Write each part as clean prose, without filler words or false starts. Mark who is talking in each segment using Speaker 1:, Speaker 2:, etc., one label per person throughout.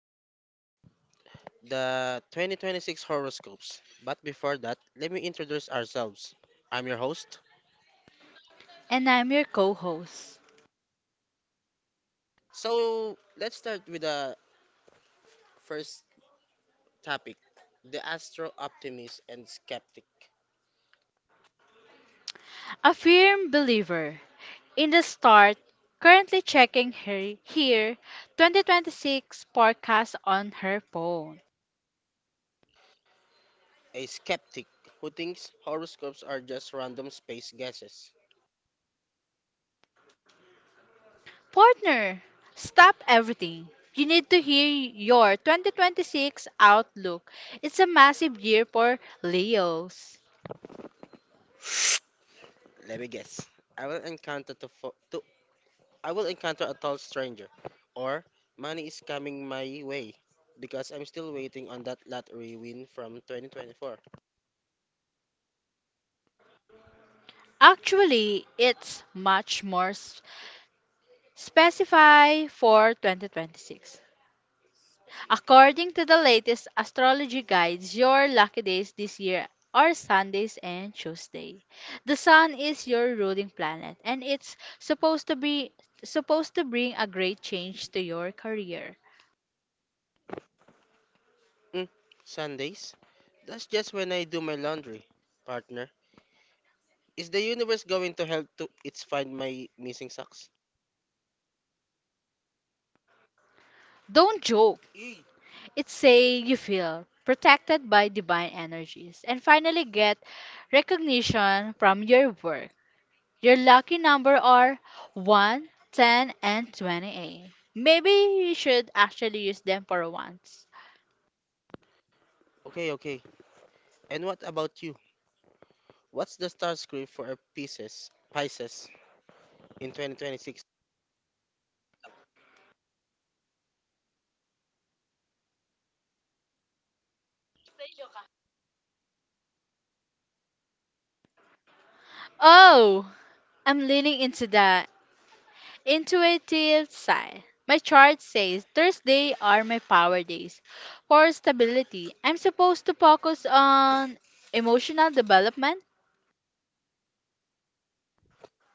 Speaker 1: gonna talk about the 2026 horoscopes. But before that, let me introduce ourselves. I'm your host.
Speaker 2: And I'm your co host,
Speaker 1: So let's start with the first topic: the astro optimist and skeptic.
Speaker 2: a firm believer in the start, currently checking her here 2026 podcast on her phone.
Speaker 1: A skeptic who thinks horoscopes are just random space guesses.
Speaker 2: Partner, stop everything. You need to hear your 2026 outlook. It's a massive year for Leos.
Speaker 1: Let me guess. I will encounter to, fo- to I will encounter a tall stranger, or money is coming my way because I'm still waiting on that lottery win from 2024.
Speaker 2: Actually, it's much more specified for 2026. According to the latest astrology guides, your lucky days this year are Sundays and Tuesday. The sun is your ruling planet and it's supposed to bring a great change to your career.
Speaker 1: Mm, Sundays? That's just when I do my laundry, partner. Is the universe going to help to it's find my missing socks?
Speaker 2: Don't joke. It's say you feel protected by divine energies and finally get recognition from your work. Your lucky number are one, 10, and 28. Maybe you should actually use them for once.
Speaker 1: Okay, okay. And what about you? What's the star script for a Pisces in 2026?
Speaker 2: Oh, I'm leaning into the intuitive side. My chart says Thursday are my power days. For stability, I'm supposed to focus on emotional development.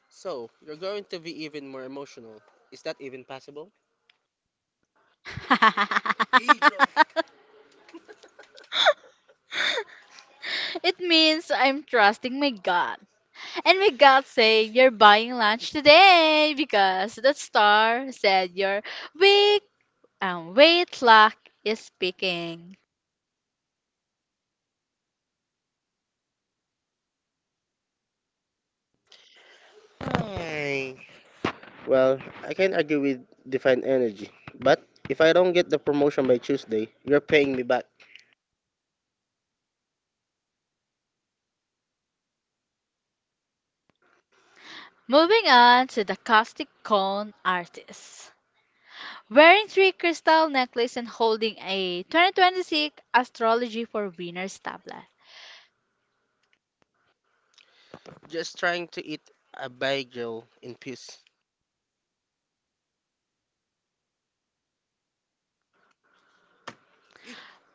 Speaker 1: So, you're going to be even more emotional. Is that even possible?
Speaker 2: It means I'm trusting my gut. And my gut say you're buying lunch today because the star said you're weak and weight luck is speaking.
Speaker 1: Hi. Well, I can't argue with Define Energy, but if I don't get the promotion by Tuesday, you're paying me back.
Speaker 2: Moving on to the caustic cone artist. Wearing three crystal necklace and holding a 2026 astrology for winners tablet.
Speaker 1: Just trying to eat a bagel in peace.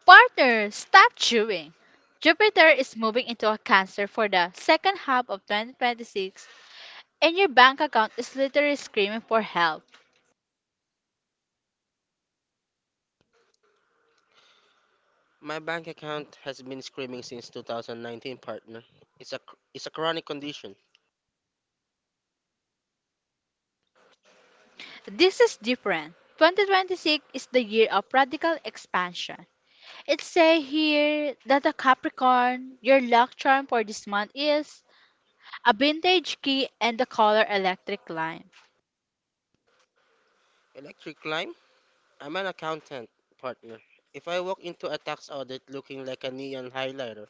Speaker 2: Partner, stop chewing. Jupiter is moving into a cancer for the second half of 2026 and your bank account is literally screaming for help.
Speaker 1: My bank account has been screaming since 2019, partner. It's a it's a chronic condition.
Speaker 2: This is different. 2026 is the year of radical expansion. It says here that the Capricorn, your luck charm for this month is a vintage key and the color electric lime.
Speaker 1: Electric climb? I'm an accountant, partner. If I walk into a tax audit looking like a neon highlighter,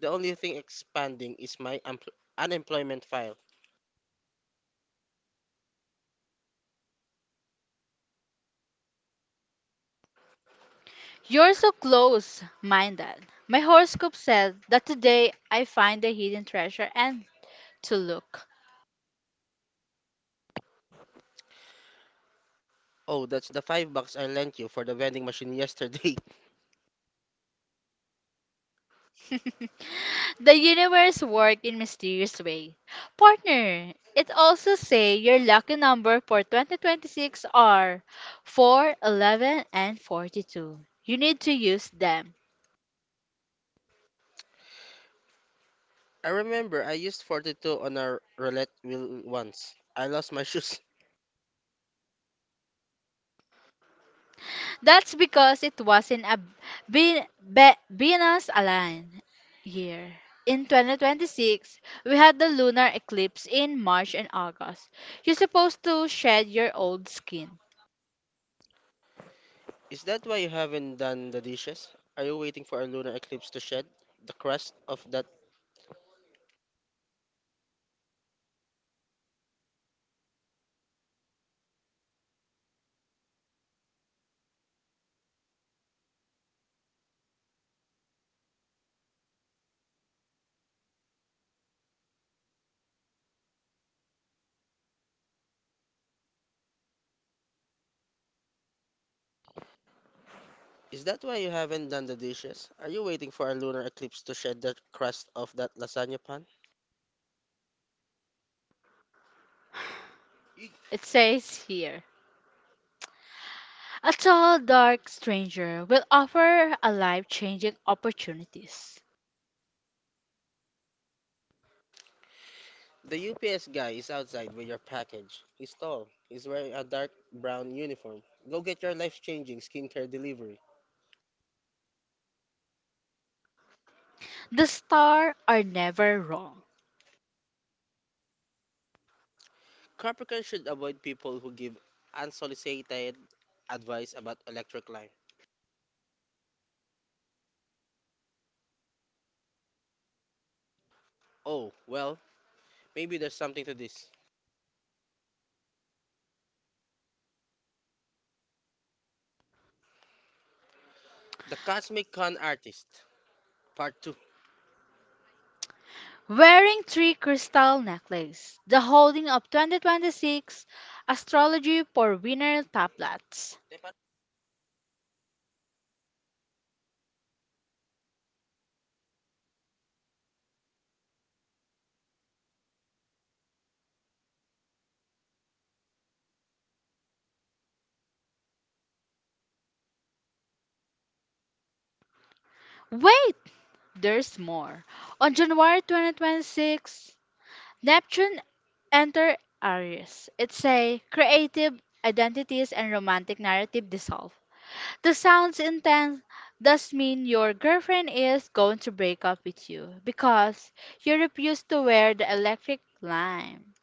Speaker 1: the only thing expanding is my unemployment file.
Speaker 2: You're so close minded. My horoscope said that today I find the hidden treasure and to look.
Speaker 1: Oh, that's the $5 I lent you for the vending machine yesterday.
Speaker 2: The universe work in mysterious way. Partner, it also say your lucky number for 2026 are 4, 11, and 42. You need to use them.
Speaker 1: I remember I used 42 on a roulette wheel once. I lost my shoes.
Speaker 2: That's because it wasn't a Venus aligned year. In 2026, we had the lunar eclipse in March and August. You're supposed to shed your old skin.
Speaker 1: Is that why you haven't done the dishes? Are you waiting for a lunar eclipse to shed the crust of that? Is that why you haven't done the dishes? Are you waiting for a lunar eclipse to shed the crust of that lasagna pan?
Speaker 2: It says here. A tall, dark stranger will offer a life changing opportunities.
Speaker 1: The UPS guy is outside with your package. He's tall. He's wearing a dark brown uniform. Go get your life-changing skincare delivery.
Speaker 2: The stars are never wrong.
Speaker 1: Capricorn should avoid people who give unsolicited advice about electric life. Oh, well, maybe there's something to this. The Cosmic Con Artist, Part 2.
Speaker 2: Wearing three crystal necklace, the holding of 2026 astrology for winner tablets. Wait, there's more. On January 2026, Neptune enter Aries. It's a creative identities and romantic narrative dissolve. The sounds intense does mean your girlfriend is going to break up with you because you refuse to wear the electric lime.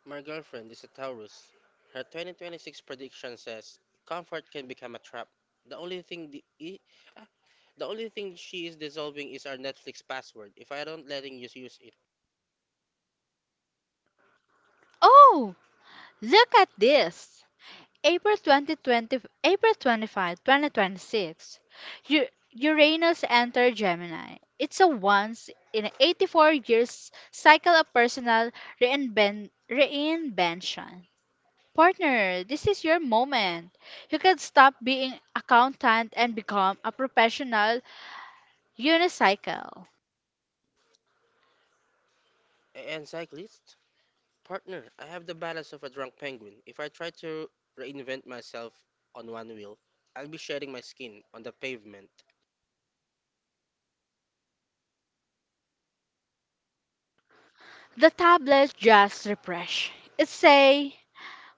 Speaker 1: My girlfriend is a Taurus. Her 2026 prediction says comfort can become a trap. The only thing the, e- the only thing she is dissolving is our Netflix password. If I don't letting you use it.
Speaker 2: Oh, look at this. April 2020, April 25, 2026, U- Uranus entered Gemini. It's a once in a 84 years cycle of personal reinvention. Partner, this is your moment. You can stop being accountant and become a professional unicycle.
Speaker 1: And cyclist, partner, I have the balance of a drunk penguin. If I try to reinvent myself on one wheel, I'll be shedding my skin on the pavement.
Speaker 2: The tablet just refresh. It say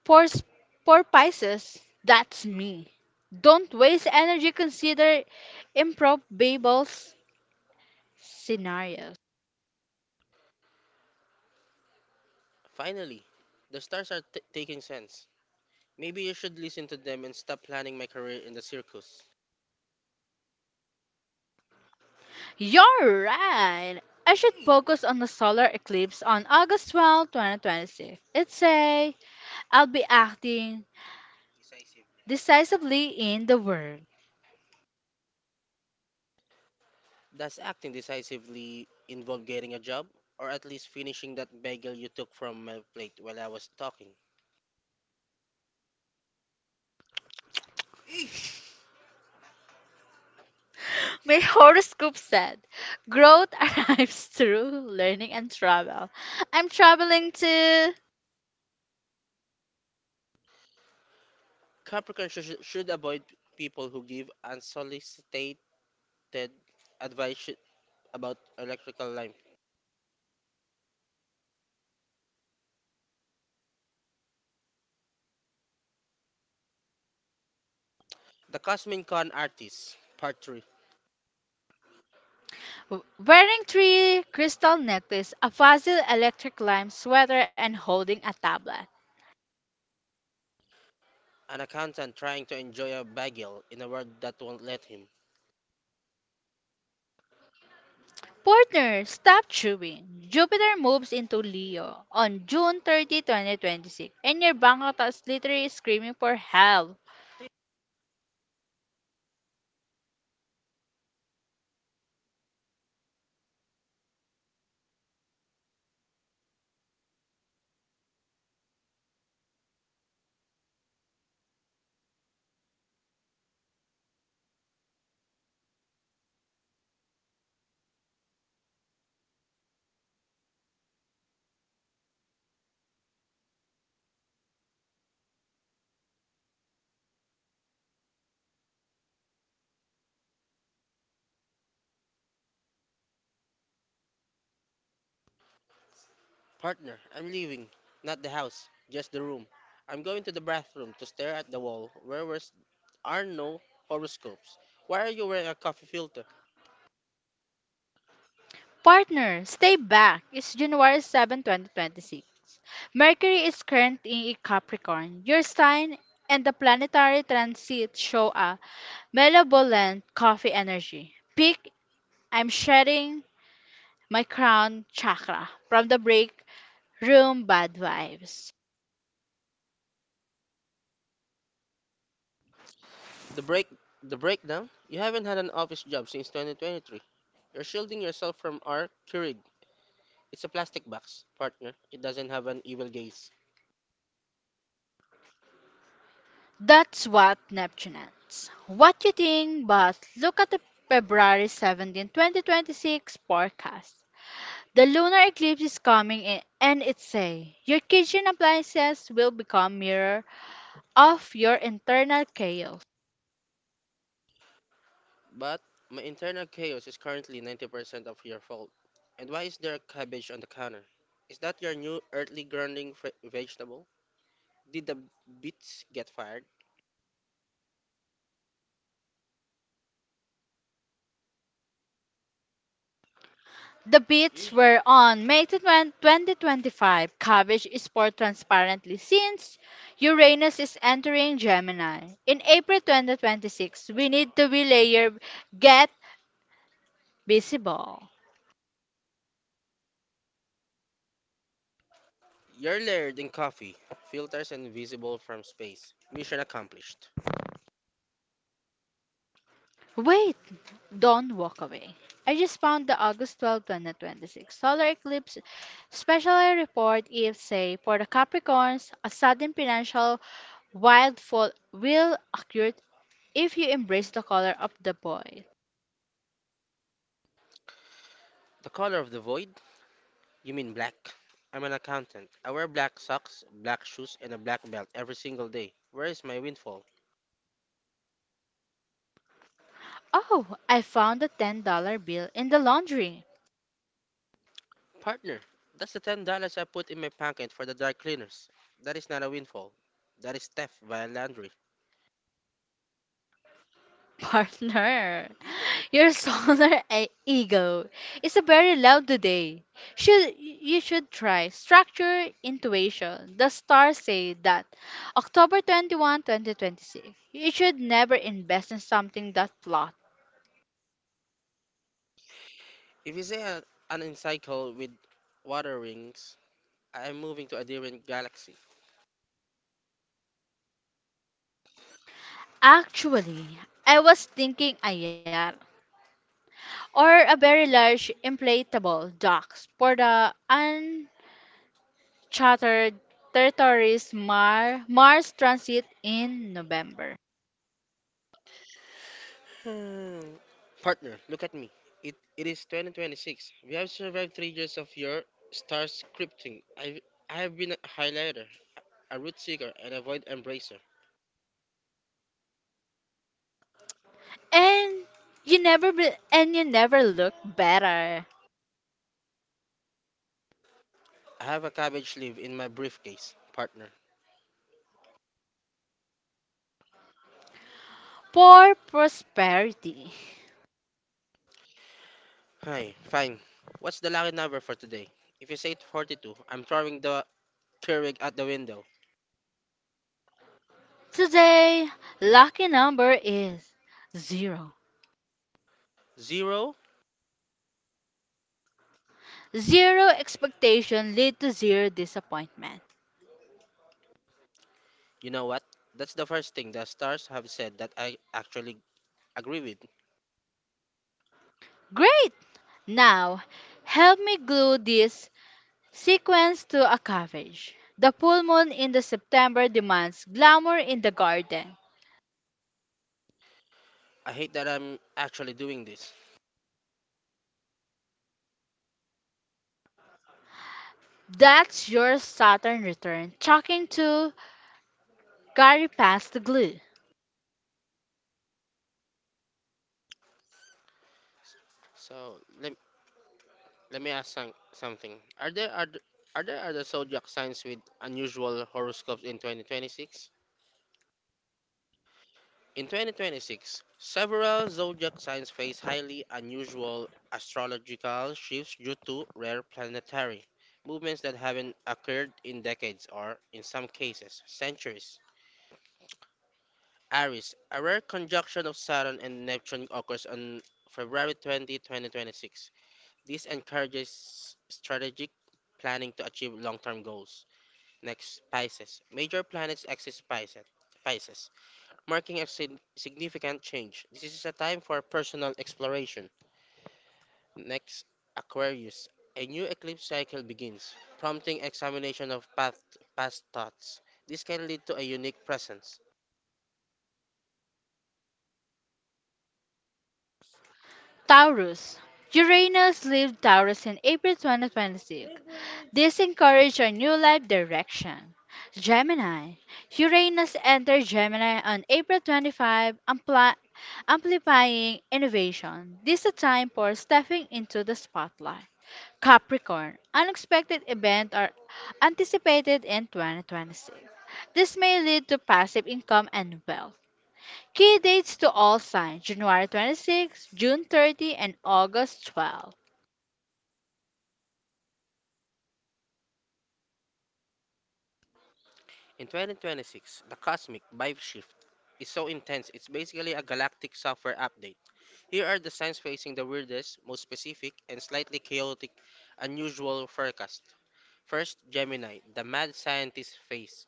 Speaker 2: For, s- for Pisces, that's me. Don't waste energy, consider improbable scenarios.
Speaker 1: Finally, the stars are taking sense. Maybe you should listen to them and stop planning my career in the circus.
Speaker 2: You're right. I should focus on the solar eclipse on August 12th, 2026. It It's I I'll be acting decisively in the world.
Speaker 1: Does acting decisively involve getting a job? Or at least finishing that bagel you took from my plate while I was talking?
Speaker 2: My horoscope said growth arrives through learning and travel. I'm traveling to
Speaker 1: Capricorn should avoid people who give unsolicited advice about electrical lamp. The Cosmin Con Artist, Part 3.
Speaker 2: Wearing three crystal necklace, a fuzzy electric lime sweater, and holding a tablet.
Speaker 1: An accountant trying to enjoy a bagel in a world that won't let him.
Speaker 2: Partner, stop chewing. Jupiter moves into Leo on June 30, 2026, and your bank account is literally screaming for help.
Speaker 1: Partner, I'm leaving. Not the house, just the room. I'm going to the bathroom to stare at the wall where there are no horoscopes. Why are you wearing a coffee filter?
Speaker 2: Partner, stay back. It's January 7, 2026. Mercury is currently in Capricorn, your sign, and the planetary transits show a malevolent coffee energy. Peak, I'm shedding my crown chakra from the break room bad vibes.
Speaker 1: The break the breakdown? You haven't had an office job since 2023. You're shielding yourself from our Keurig. It's a plastic box, partner. It doesn't have an evil gaze.
Speaker 2: That's what Neptuneans. What you think, but look at the February 17, 2026 forecast. The lunar eclipse is coming in and it say your kitchen appliances will become mirror of your internal chaos.
Speaker 1: But my internal chaos is currently 90% of your fault. And why is there a cabbage on the counter? Is that your new earthly grounding vegetable? Did the bits get fired?
Speaker 2: The bids were on May 20, 2025. Cabbage is more transparently since Uranus is entering Gemini. In April 2026, we need to relayer. Get visible.
Speaker 1: You're layered in coffee, filters invisible from space. Mission accomplished.
Speaker 2: Wait, don't walk away. I just found the August 12, 2026 solar eclipse special report E F say for the Capricorns. A sudden financial wildfall will occur if you embrace the color of the boy.
Speaker 1: The color of the void? You mean black. I'm an accountant. I wear black socks, black shoes, and a black belt every single day. Where is my windfall?
Speaker 2: Oh, I found a $10 bill in the laundry.
Speaker 1: Partner, that's the $10 I put in my pocket for the dry cleaners. That is not a windfall. That is theft by laundry.
Speaker 2: Partner, your solar ego is a very loud today. Should you should try structure intuition. The stars say that October 21, 2026, you should never invest in something that plot.
Speaker 1: If you say an encycle with water rings, I am moving to a different galaxy.
Speaker 2: Actually, I was thinking a yacht or a very large inflatable dock for the chartered territories Mars transit in November.
Speaker 1: Hmm. Partner, look at me. It is 2026. We have survived 3 years of your star scripting. I have been a highlighter, a root seeker, and a void embracer.
Speaker 2: And and you never look better.
Speaker 1: I have a cabbage leaf in my briefcase, partner.
Speaker 2: For prosperity.
Speaker 1: Hi, fine. What's the lucky number for today? If you say 42, I'm throwing the Keurig at the window.
Speaker 2: Today, lucky number is zero.
Speaker 1: Zero?
Speaker 2: Zero expectation lead to zero disappointment.
Speaker 1: You know what? That's the first thing the stars have said that I actually agree with.
Speaker 2: Great! Now, help me glue this sequence to a cabbage. The full moon in the September demands glamour in the garden.
Speaker 1: I hate that I'm actually doing this.
Speaker 2: That's your Saturn return talking to Gary past the glue.
Speaker 1: So, let me ask something. Are there other, are there other zodiac signs with unusual horoscopes in 2026? In 2026, several zodiac signs face highly unusual astrological shifts due to rare planetary movements that haven't occurred in decades or, in some cases, centuries. Aries, a rare conjunction of Saturn and Neptune occurs on February 20th, 2026. This encourages strategic planning to achieve long term goals. Next, Pisces. Major planets exit Pisces, marking a significant change. This is a time for personal exploration. Next, Aquarius. A new eclipse cycle begins, prompting examination of past thoughts. This can lead to a unique presence.
Speaker 2: Taurus. Uranus leaves Taurus in April 2026. This encourages a new life direction. Gemini. Uranus enters Gemini on April 25, amplifying innovation. This is a time for stepping into the spotlight. Capricorn, unexpected events are anticipated in 2026. This may lead to passive income and wealth. Key dates to all signs January 26, June 30, and August 12.
Speaker 1: In 2026, the cosmic vibe shift is so intense it's basically a galactic software update. Here are the signs facing the weirdest, most specific, and slightly chaotic, unusual forecast. First, Gemini, the mad scientist phase.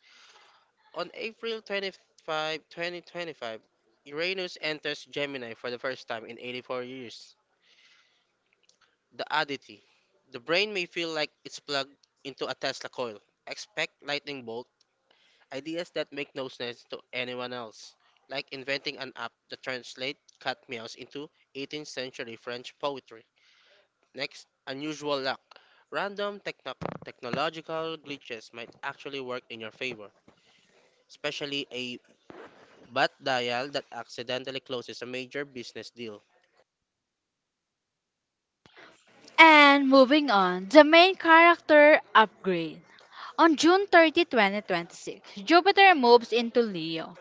Speaker 1: On April 25th, 2025, Uranus enters Gemini for the first time in 84 years. The oddity. The brain may feel like it's plugged into a Tesla coil. Expect lightning bolt ideas that make no sense to anyone else, like inventing an app that translates cat meows into 18th century French poetry. Next, unusual luck. Random technological glitches might actually work in your favor. Especially a bat dial that accidentally closes a major business deal.
Speaker 2: And moving on, the main character upgrade. On June 30, 2026, Jupiter moves into Leo.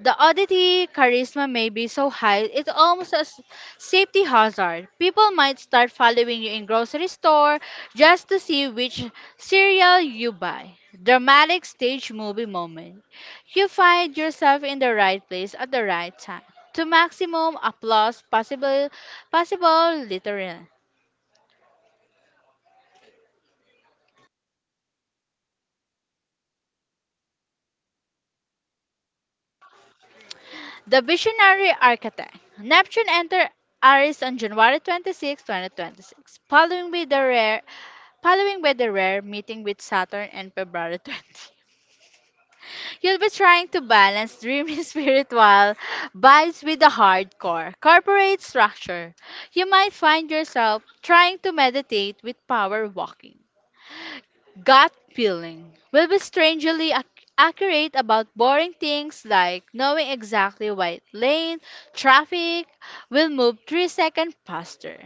Speaker 2: The oddity charisma may be so high, it's almost a safety hazard. People might start following you in grocery store just to see which cereal you buy. Dramatic stage movie moment. You find yourself in the right place at the right time. To maximum applause possible literally. The visionary architect. Neptune entered Aries on January 26th, 2026, Following by the rare meeting with Saturn and February 20th. You'll be trying to balance dreamy spiritual vibes with the hardcore corporate structure. You might find yourself trying to meditate with power walking. Gut feeling will be strangely accurate about boring things like knowing exactly what lane traffic will move 3 seconds faster.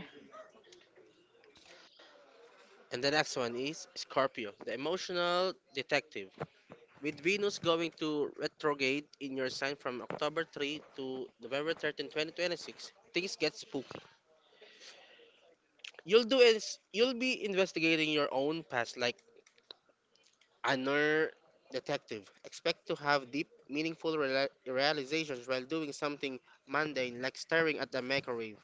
Speaker 1: And the next one is Scorpio, the emotional detective. With Venus going to retrograde in your sign from October 3 to November 13, 2026, things get spooky. You'll do is you'll be investigating your own past like another detective. Expect to have deep, meaningful realizations while doing something mundane like staring at the microwave.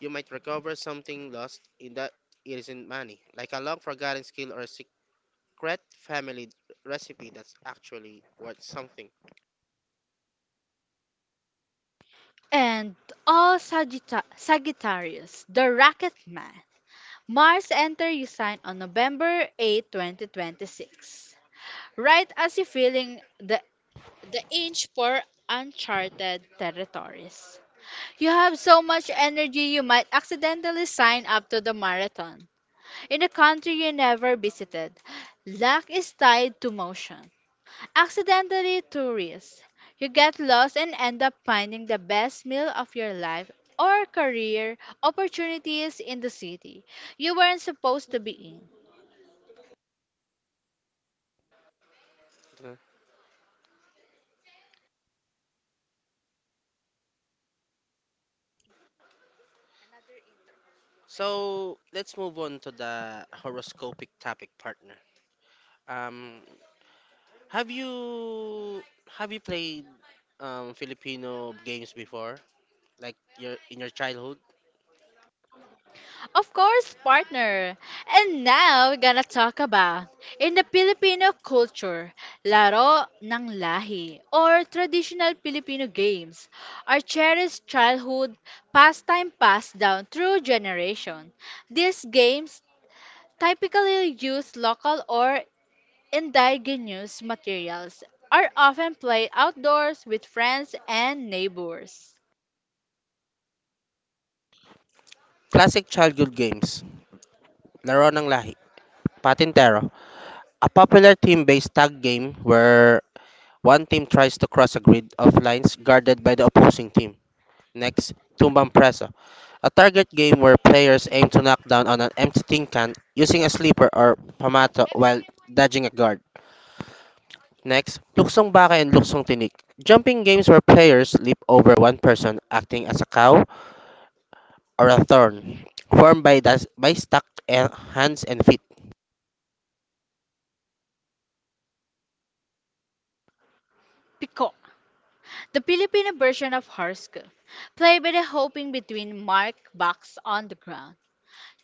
Speaker 1: You might recover something lost in that it isn't money, like a long forgotten skill or a secret family recipe that's actually worth something.
Speaker 2: And all Sagittarius, the rocket man. Mars enter your sign on November 8, 2026. Right as you're feeling the inch for uncharted territories. You have so much energy you might accidentally sign up to the marathon in a country you never visited. Luck is tied to motion. Accidentally to You get lost and end up finding the best meal of your life or career opportunities in the city you weren't supposed to be in.
Speaker 1: Uh, So let's move on to the horoscopic topic, partner. Um, have you have you played Filipino games before, like your in your childhood?
Speaker 2: Of course, partner. And now we're gonna talk about in the Filipino culture, laro ng lahi or traditional Filipino games are cherished childhood pastime passed down through generation. These games typically use local or indigenous materials are often played outdoors with friends and neighbors.
Speaker 1: Classic childhood games: Laro ng Lahi, Patintero, a popular team-based tag game where one team tries to cross a grid of lines guarded by the opposing team. Next, Tumbang Presa, a target game where players aim to knock down on an empty tin can using a slipper or pamato while dodging a guard. Next, Luksong Baka and Luksong Tinik, jumping games where players leap over one person acting as a cow or a thorn, formed by stuck hands and feet.
Speaker 2: Piko. The Filipino version of horoscope, played by the hopping between marked boxes on the ground.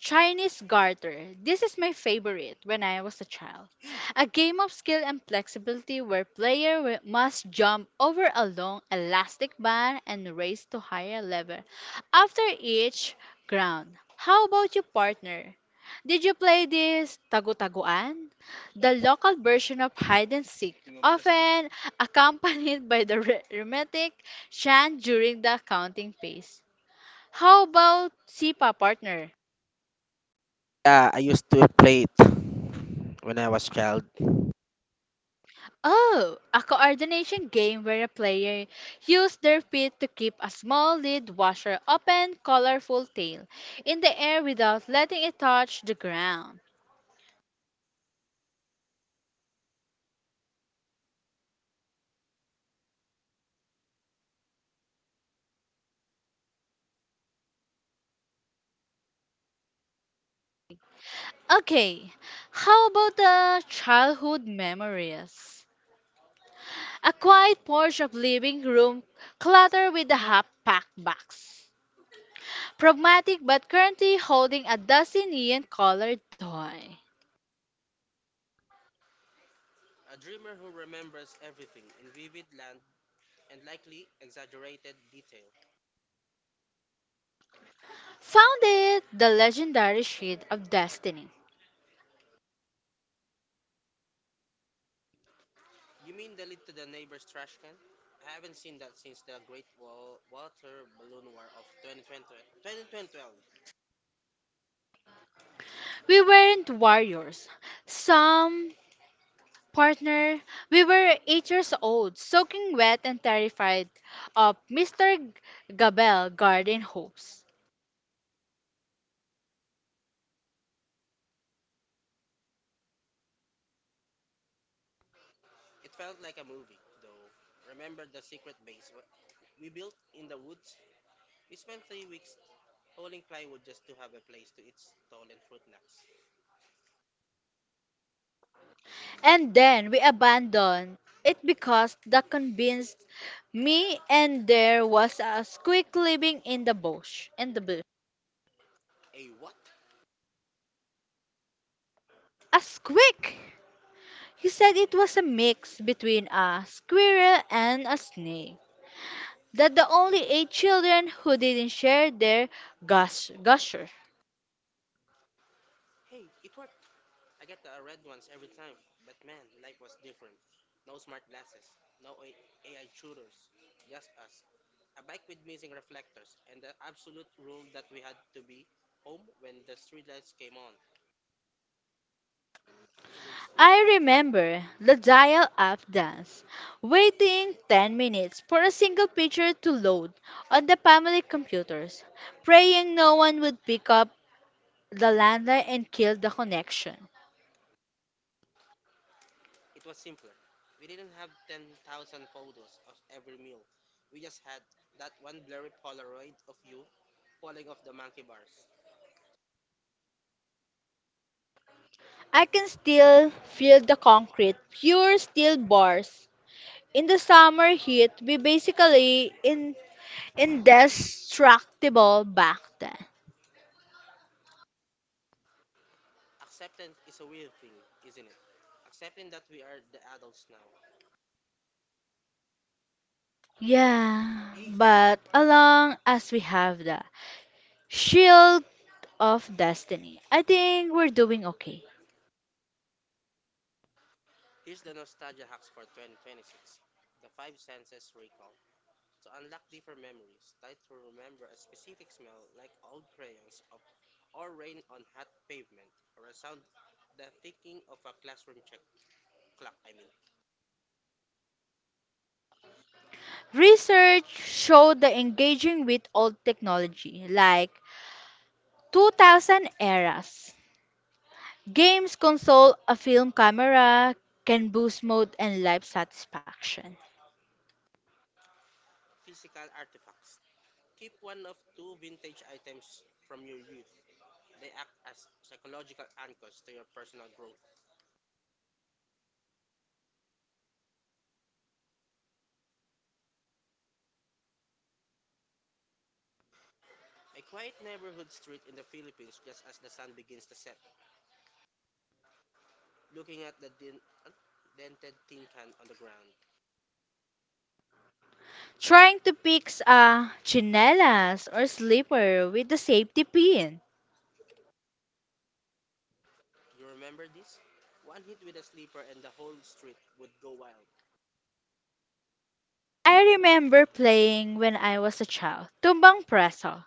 Speaker 2: Chinese Garter. This is my favorite when I was a child. A game of skill and flexibility where player must jump over a long elastic band and race to higher level after each round. How about you, partner? Did you play this tagu-taguan? The local version of hide and seek, often accompanied by the rhythmic chant during the counting phase. How about Sipa, partner?
Speaker 1: Yeah, I used to play it when I was child.
Speaker 2: Oh, a coordination game where a player uses their feet to keep a small lead washer open colorful tail in the air without letting it touch the ground. Okay, how about the childhood memories? A quiet porch of living room cluttered with a half-packed box. Pragmatic but currently holding a dozen neon-colored toy.
Speaker 1: A dreamer who remembers everything in vivid land and likely exaggerated detail.
Speaker 2: Found it, the legendary Sheet of Destiny.
Speaker 1: You mean the lid to the neighbor's trash can? I haven't seen that since the Great Water Balloon War of 2020 2012.
Speaker 2: We weren't warriors. Some partner, we were 8 years old, soaking wet and terrified of Mr. Gabel garden hose.
Speaker 1: It felt like a movie, though. Remember the secret base we built in the woods? We spent 3 weeks hauling plywood just to have a place to eat stolen fruit snacks.
Speaker 2: And then we abandoned it because the convinced me and there was a squeak living in the bush. In the bush.
Speaker 1: A what?
Speaker 2: A squeak! He said it was a mix between a squirrel and a snake. That the only eight children who didn't share their gusher.
Speaker 1: Hey, it worked. I get the red ones every time, but man, life was different. No smart glasses, no AI tutors, just us. A bike with missing reflectors, and the absolute rule that we had to be home when the street lights came on.
Speaker 2: I remember the dial up dance, waiting 10 minutes for a single picture to load on the family computers, praying no one would pick up the landline and kill the connection.
Speaker 1: It was simpler. We didn't have 10,000 photos of every meal. We just had that one blurry Polaroid of you falling off the monkey bars.
Speaker 2: I can still feel the concrete, pure steel bars. In the summer heat, we basically in indestructible back then.
Speaker 1: Acceptance is a weird thing, isn't it? Accepting that we are the adults now.
Speaker 2: Yeah, but along as we have that Shield of Destiny, I think we're doing okay.
Speaker 1: Here's the nostalgia hacks for 2026. The five senses recall. To unlock deeper memories, try to remember a specific smell like old crayons of, or rain on hot pavement, or a sound, the ticking of a classroom check clock, I mean.
Speaker 2: Research showed the engaging with old technology like 2000 eras. Games console, a film camera can boost mood and life satisfaction.
Speaker 1: Physical artifacts. Keep one of two vintage items from your youth. They act as psychological anchors to your personal growth. A quiet neighborhood street in the Philippines just as the sun begins to set, looking at the uh, dented tin can on the ground.
Speaker 2: Trying to fix a chinelas or slipper with the safety pin.
Speaker 1: You remember this? One hit with a sleeper and the whole street would go wild.
Speaker 2: I remember playing when I was a child, tumbang preso.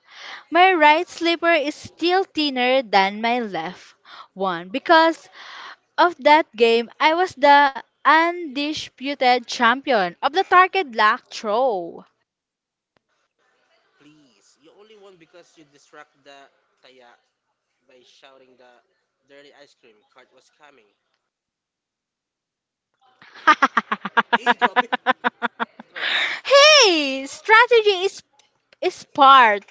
Speaker 2: My right slipper is still thinner than my left one because of that game, I was the undisputed champion of the target lock throw.
Speaker 1: Please, you only won because you distract the taya by shouting the dirty ice cream cart was coming.
Speaker 2: Hey, hey, strategy is part.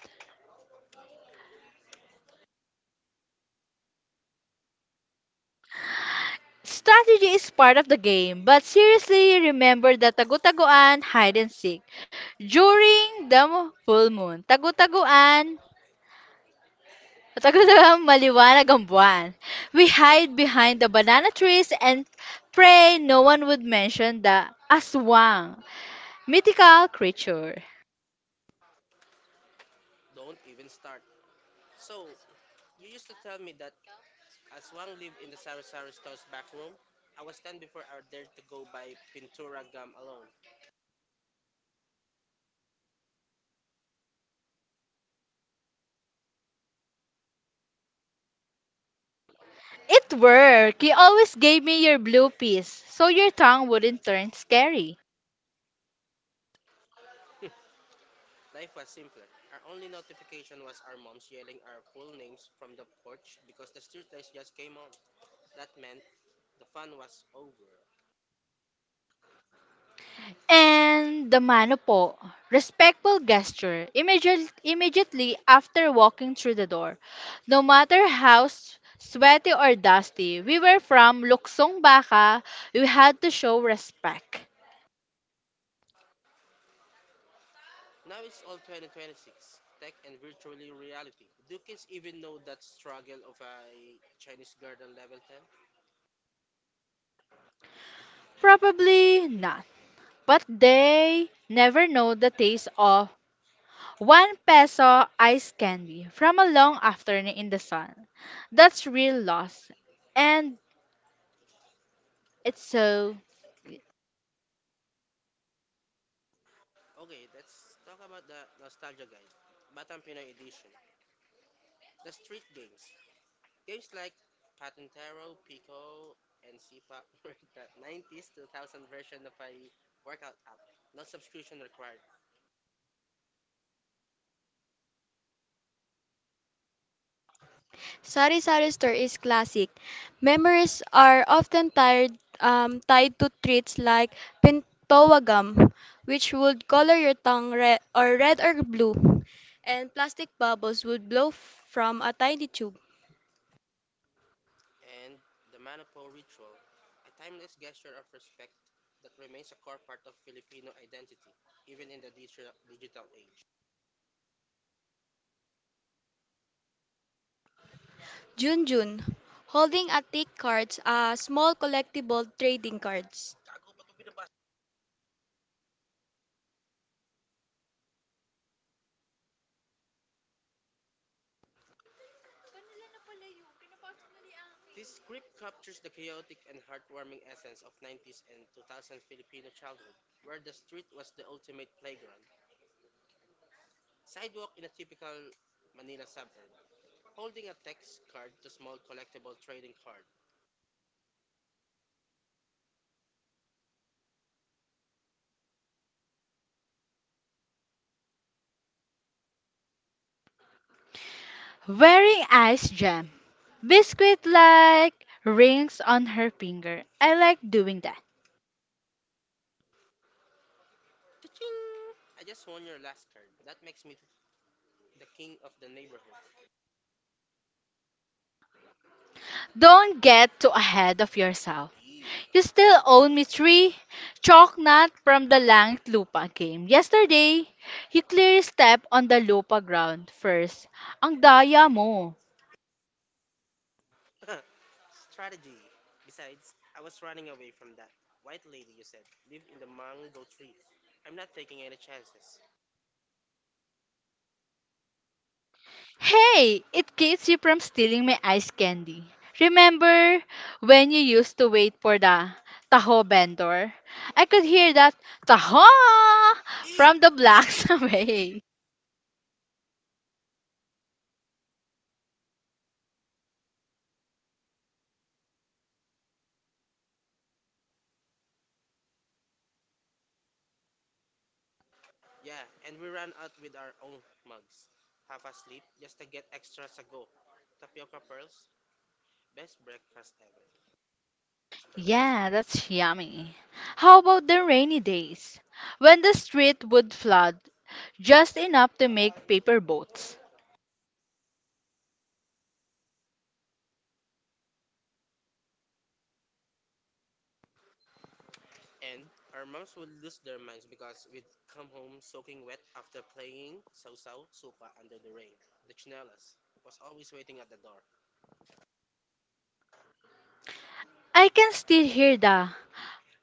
Speaker 2: Strategy is part of the game, but seriously, remember the tagutaguan hide and seek. During the full moon, tagutaguan, tagutaguan maliwanag ang buwan. We hide behind the banana trees and pray no one would mention the aswang, mythical creature.
Speaker 1: Don't even start. So, you used to tell me that as Wang lived in the Sari Sari store's back room. I was 10 before I dared to go buy Pintura gum alone.
Speaker 2: It worked. You always gave me your blue piece, so your tongue wouldn't turn scary.
Speaker 1: Life was simpler. Our only notification was our moms yelling our full names from the porch because the streetlights just came on. That meant the fun was over.
Speaker 2: And the mano po, respectful gesture immediately after walking through the door. No matter how sweaty or dusty we were from Luksong Baka, we had to show respect.
Speaker 1: Now it's all 2026, tech and virtually reality. Do kids even know that struggle of a Chinese garden level
Speaker 2: Probably not. But they never know the taste of 1 peso ice candy from a long afternoon in the sun. That's real loss. And it's so
Speaker 1: 10? Okay, let's talk about the Nostalgia Guide, Batang Pinoy Edition. The street games. Games like Patentero, Pico, and CPAP were the 90s 2000 version of a workout app, no subscription required.
Speaker 2: sari-sari store is classic. Memories are often tied to treats like pintowa gum, which would color your tongue red or blue, and plastic bubbles would blow from a tiny tube.
Speaker 1: And the Manapo ritual, a timeless gesture of respect that remains a core part of Filipino identity, even in the digital age.
Speaker 2: Jun-Jun, holding a thick cards, a small collectible trading cards.
Speaker 1: This script captures the chaotic and heartwarming essence of 90s and 2000s Filipino childhood, where the street was the ultimate playground. Sidewalk in a typical Manila suburb, holding a text card to small collectible trading card.
Speaker 2: Wearing ice jam. Biscuit like rings on her finger. I like doing that.
Speaker 1: Ta ching, I just won your last card. That makes me the king of the neighborhood.
Speaker 2: Don't get too ahead of yourself. You still own me three chalk from the Langt Lupa game. Yesterday, you clear step on the lupa ground first. Ang daya mo.
Speaker 1: Strategy. Besides, I was running away from that white lady you said lived in the mango tree. I'm not taking any chances.
Speaker 2: Hey, it keeps you from stealing my ice candy. Remember when you used to wait for the taho vendor? I could hear that taho from the blocks away.
Speaker 1: Yeah, and we ran out with our own mugs. Half asleep, just to get extra sago. Tapioca pearls, best breakfast ever.
Speaker 2: Yeah, that's yummy. How about the rainy days? When the street would flood, just enough to make paper boats.
Speaker 1: And our moms would lose their minds because we'd come home soaking wet after playing sausaw suka under the rain. The chinelas was always waiting at the door.
Speaker 2: I can still hear the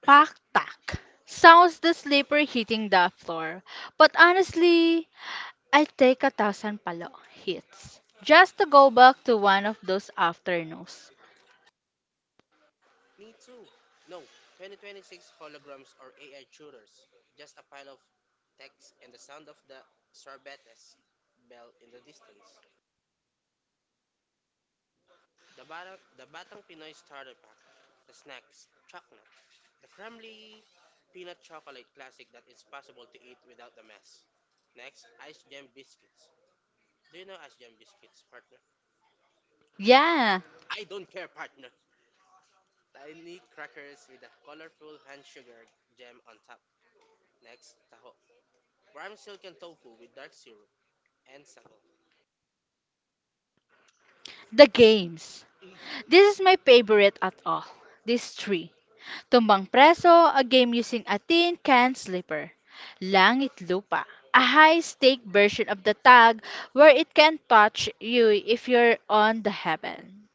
Speaker 2: pak tak sounds the slipper hitting the floor. But honestly, I take 1,000 palo hits just to go back to one of those afternoons.
Speaker 1: Me too. No, 2026 holograms or AI tutors. Just a pile of text and the sound of the sorbetes bell in the distance. The Batang Pinoy Starter Pack. The snacks. Chocnut. The crumbly peanut chocolate classic that is possible to eat without the mess. Next, Ice Jam Biscuits. Do you know Asian biscuits, partner?
Speaker 2: Yeah,
Speaker 1: I don't care, partner. Tiny crackers with a colorful hand sugar gem on top. Next, taho. Warm silken tofu with dark syrup and sago.
Speaker 2: the games. This is my favorite at all. These three. Tumbang Preso, a game using a tin can slipper. Langit Lupa, a high stake version of the tag where it can touch you if you're on the heaven.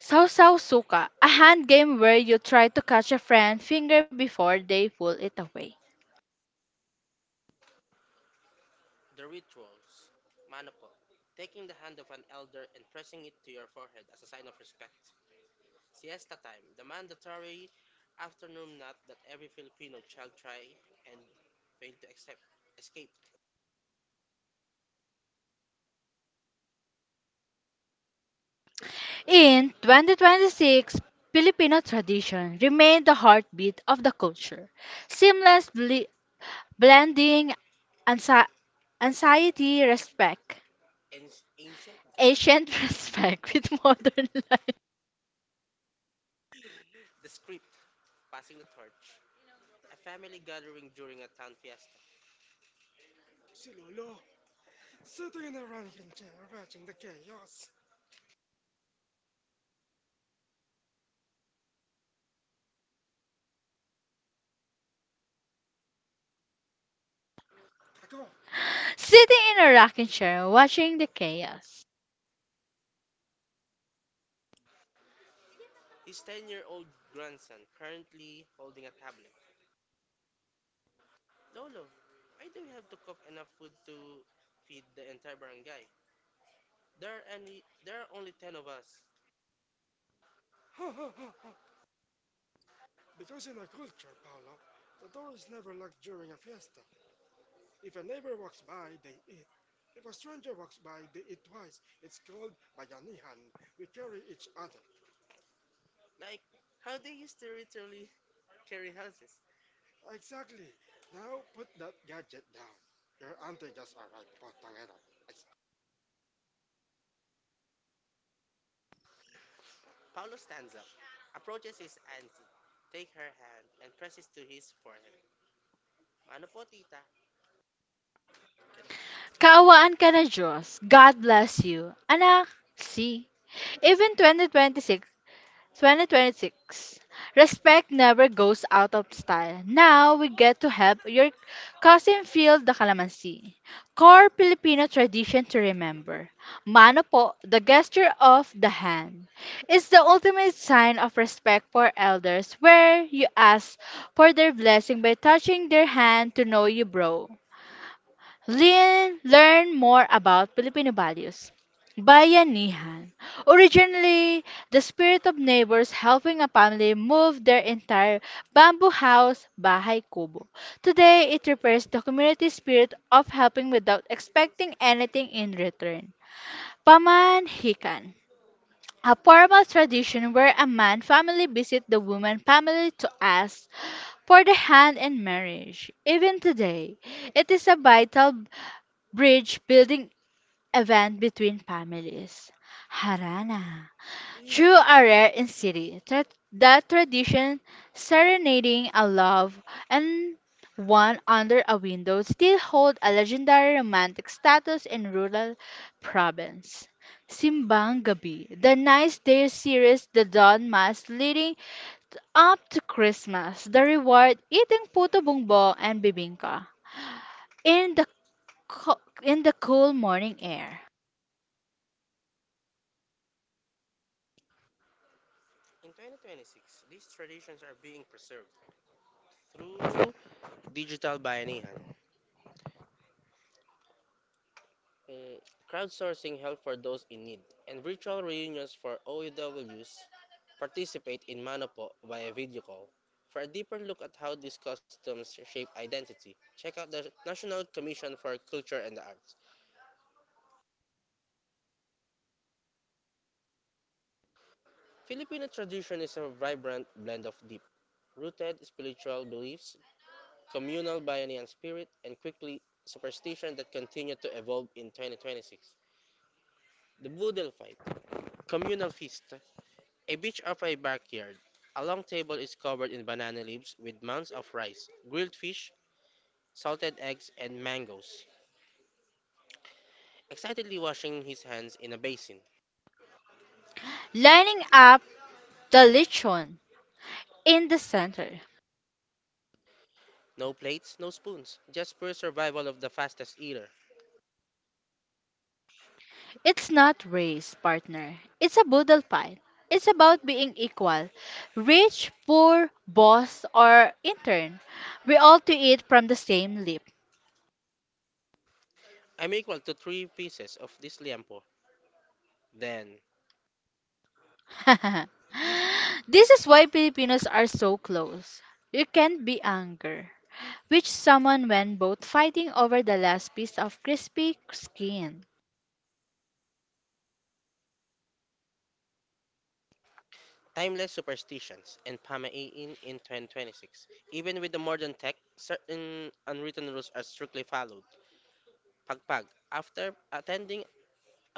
Speaker 2: Sausaw Suka, a hand game where you try to catch a friend finger before they pull it away.
Speaker 1: The rituals. Manopo. Taking the hand of an elder and pressing it to your forehead as a sign of respect. Siesta time. The mandatory afternoon nap that every Filipino child try and fail to accept. Escape.
Speaker 2: In 2026, Filipino tradition remained the heartbeat of the culture. Seamless blending ansa- anxiety, respect, ancient respect with modern life.
Speaker 1: The script. Passing the torch. A family gathering during a town fiesta. Si Lolo, sitting in a rocking chair watching the chaos.
Speaker 2: Sitting in a rocking chair, watching the chaos.
Speaker 1: His 10-year-old grandson currently holding a tablet. Lolo, why do we have to cook enough food to feed the entire barangay? There are only 10 of us. Ha ha ha ha! Because in our culture, Paolo, the door is never locked during a fiesta. If a neighbor walks by, they eat. If a stranger walks by, they eat twice. It's called bayanihan. We carry each other. Like how they used to literally carry houses. Exactly. Now put that gadget down. Your auntie just arrived. Putangina. Ex- Paolo stands up, approaches his auntie, takes her hand, and presses to his forehead. Ano po, tita?
Speaker 2: Kaawaan ka na Diyos. God bless you. Anak, see. Even 2026. Respect never goes out of style. Now we get to help your cousin feel the calamansi. Core Filipino tradition to remember. Mano po, the gesture of the hand, is the ultimate sign of respect for elders where you ask for their blessing by touching their hand to know you bro. Learn more about Filipino values. Bayanihan. Originally, the spirit of neighbors helping a family move their entire bamboo house, bahay kubo. Today, it refers to community spirit of helping without expecting anything in return. Pamanhikan. A formal tradition where a man family visit the woman family to ask for the hand in marriage. Even today, it is a vital bridge building event between families. Harana. True are rare in city. The tradition serenading a love and one under a window still hold a legendary romantic status in rural province. Simbang Gabi, the nice day series, the dawn mass leading up to Christmas, the reward eating puto bumbong and bibingka in the in the cool morning air.
Speaker 1: In 2026, these traditions are being preserved through digital bayanihan. eh, Crowdsourcing help for those in need, and virtual reunions for OEWs participate in Manopo via video call. For a deeper look at how these customs shape identity, check out the National Commission for Culture and the Arts. Filipino tradition is a vibrant blend of deep rooted spiritual beliefs, communal Bayan spirit, and quickly superstition that continue to evolve in 2026. The Boodle Fight, communal feast. A beach of a backyard. A long table is covered in banana leaves with mounds of rice, grilled fish, salted eggs, and mangoes. Excitedly washing his hands in a basin.
Speaker 2: Lining up the lechon in the center.
Speaker 1: No plates, no spoons, just pure survival of the fastest eater.
Speaker 2: It's not race, partner. It's a boodle pie. It's about being equal. Rich, poor, boss, or intern. We all to eat from the same lip.
Speaker 1: I'm equal to 3 pieces of this liampo. Then,
Speaker 2: This is why Filipinos are so close. You can't be anger. Which someone when both fighting over the last piece of crispy skin.
Speaker 1: timeless superstitions and pamahiin in 2026. Even with the modern tech, certain unwritten rules are strictly followed. Pagpag. After attending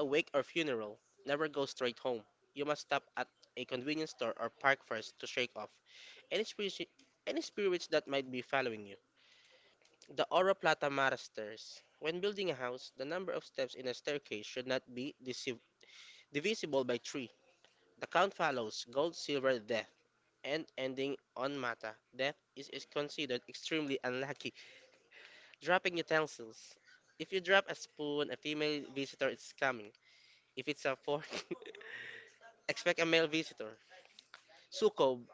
Speaker 1: a wake or funeral. Never go straight home. You must stop at a convenience store or park first to shake off any spirits, any spirits that might be following you. The Oro Plata Mara stairs. When building a house, the number of steps in a staircase should not be divisible by three. The count follows gold, silver, death, and ending on mata. Death is considered extremely unlucky. Dropping utensils. If you drop a spoon, a female visitor is coming. If it's a fork, expect a male visitor. Sukob.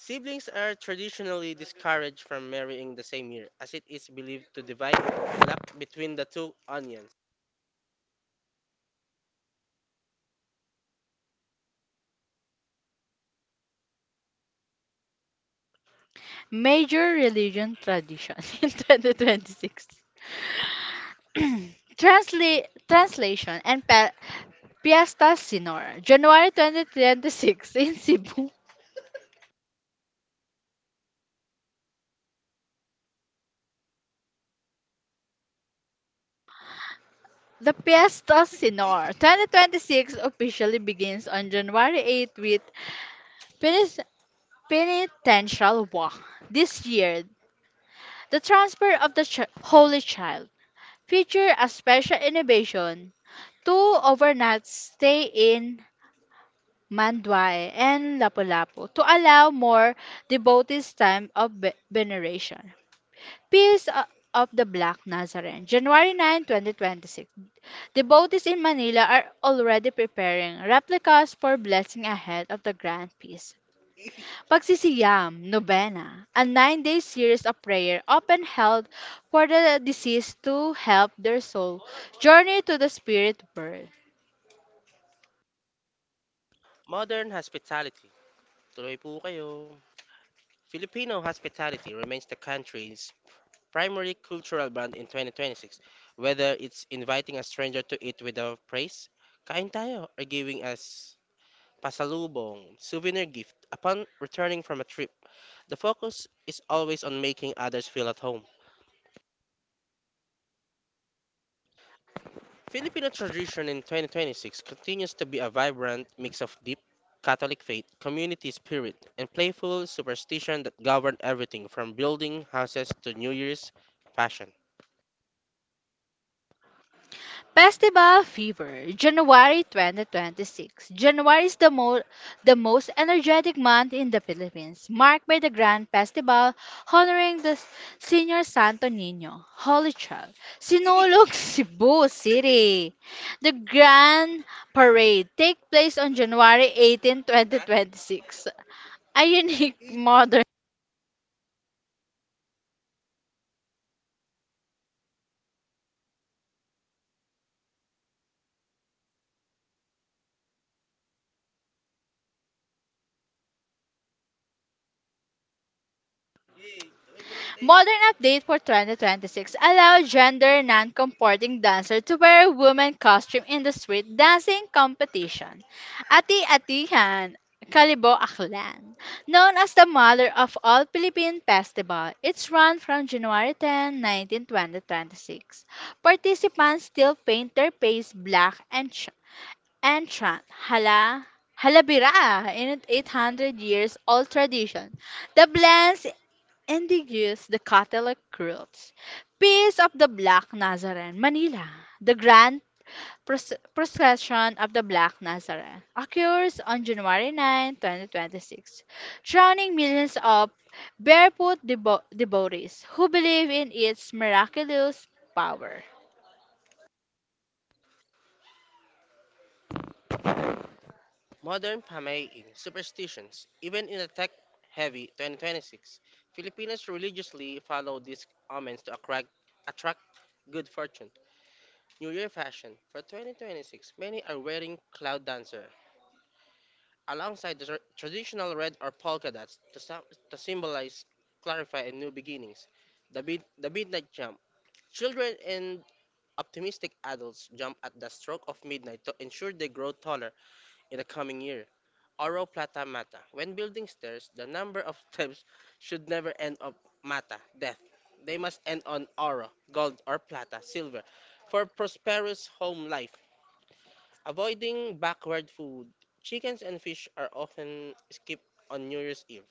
Speaker 1: Siblings are traditionally discouraged from marrying the same year, as it is believed to divide the luck between the two onions.
Speaker 2: Major religion tradition in 2026. Translation and Piesta Sinor, January 2026 in Cebu. The Piesta Sinor 2026 officially begins on January 8th with Penis- Penitential Walk. This year, the transfer of the Holy Child featured a special innovation two overnight stay in Manduay and Lapu-Lapu to allow more devotees time of veneration. Peace of the Black Nazarene, January 9, 2026. Devotees in Manila are already preparing replicas for blessing ahead of the Grand Peace. Pagsisiyam, Novena, a 9-day series of prayer often held for the deceased to help their soul journey to the spirit world.
Speaker 1: Modern hospitality. Tuloy po kayo. Filipino hospitality remains the country's primary cultural brand in 2026, whether it's inviting a stranger to eat without praise, kain tayo, or giving us pasalubong, souvenir gift upon returning from a trip. The focus is always on making others feel at home. Filipino tradition in 2026 continues to be a vibrant mix of deep Catholic faith, community spirit, and playful superstition that govern everything from building houses to New Year's fashion.
Speaker 2: Festival Fever, January 2026. January is the most energetic month in the Philippines, marked by the grand festival honoring the Senior Santo Niño, Holy Child, Sinulog, Cebu City. The grand parade takes place on January 18, 2026. A unique Modern update for 2026 allowed gender non-comporting dancer to wear women costume in the street dancing competition. Ati Atihan Kalibo Aklan, known as the mother of all Philippine festival, it's run from January 10, 19, 2026. Participants still paint their face black and and chant hala halabira in 800 years old tradition. The blends and they used the Catholic rules. Peace of the Black Nazarene, Manila. The grand procession of the Black Nazarene occurs on January 9, 2026, drawing millions of barefoot devotees who believe in its miraculous power.
Speaker 1: Modern pamay superstitions, even in the tech heavy 2026, Filipinos religiously follow these omens to attract good fortune. New Year fashion for 2026, many are wearing cloud dancer alongside the traditional red or polka dots to, to symbolize, clarify, and new beginnings. The midnight jump. Children and optimistic adults jump at the stroke of midnight to ensure they grow taller in the coming year. Oro plata mata. When building stairs, the number of steps should never end up mata, death. They must end on oro, gold or plata, silver, for prosperous home life. Avoiding backward food. Chickens and fish are often skipped on New Year's Eve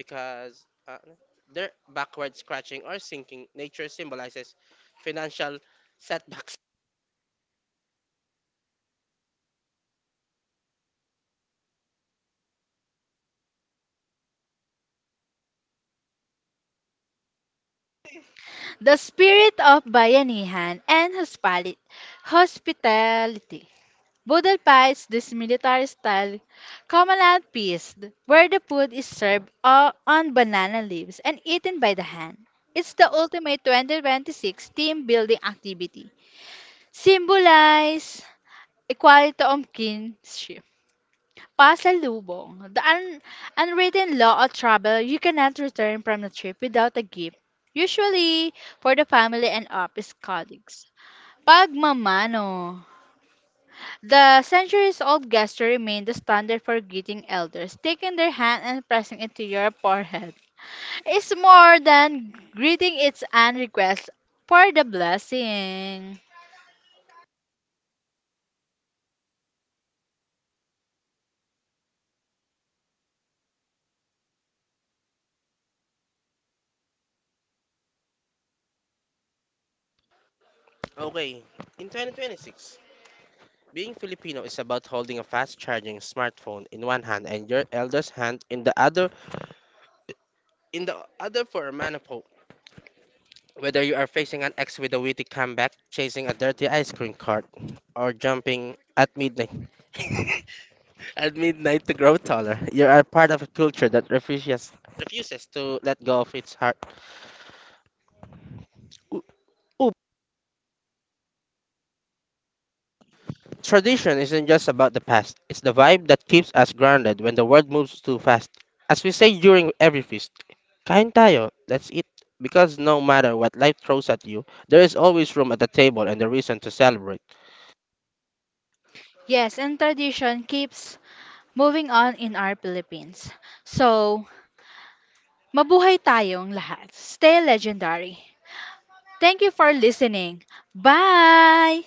Speaker 1: because their backward scratching or sinking nature symbolizes financial setbacks.
Speaker 2: The spirit of bayanihan and hospitality. Boodle pie is this military-style Comeland feast where the food is served on banana leaves and eaten by the hand. It's the ultimate 2026 team-building activity. Symbolize equality of kinship. Pasalubong, the unwritten law of travel, you cannot return from the trip without a gift, usually for the family and office colleagues. Pagmamano. The centuries-old gesture remained the standard for greeting elders. Taking their hand and pressing it to your forehead, it's more than greeting; it's an request for the blessing.
Speaker 1: Okay, in 2026, being Filipino is about holding a fast-charging smartphone in one hand and your elder's hand in the other for a manifold. Whether you are facing an ex with a witty comeback, chasing a dirty ice cream cart, or jumping at midnight. At midnight to grow taller, you are part of a culture that refuses to let go of its heart. O- Oop, tradition isn't just about the past. It's the vibe that keeps us grounded when the world moves too fast. As we say during every feast, kain tayo, that's it. Because no matter what life throws at you, there is always room at the table and a reason to celebrate.
Speaker 2: Yes, and tradition keeps moving on in our Philippines. So, mabuhay tayong lahat. Stay legendary. Thank you for listening. Bye!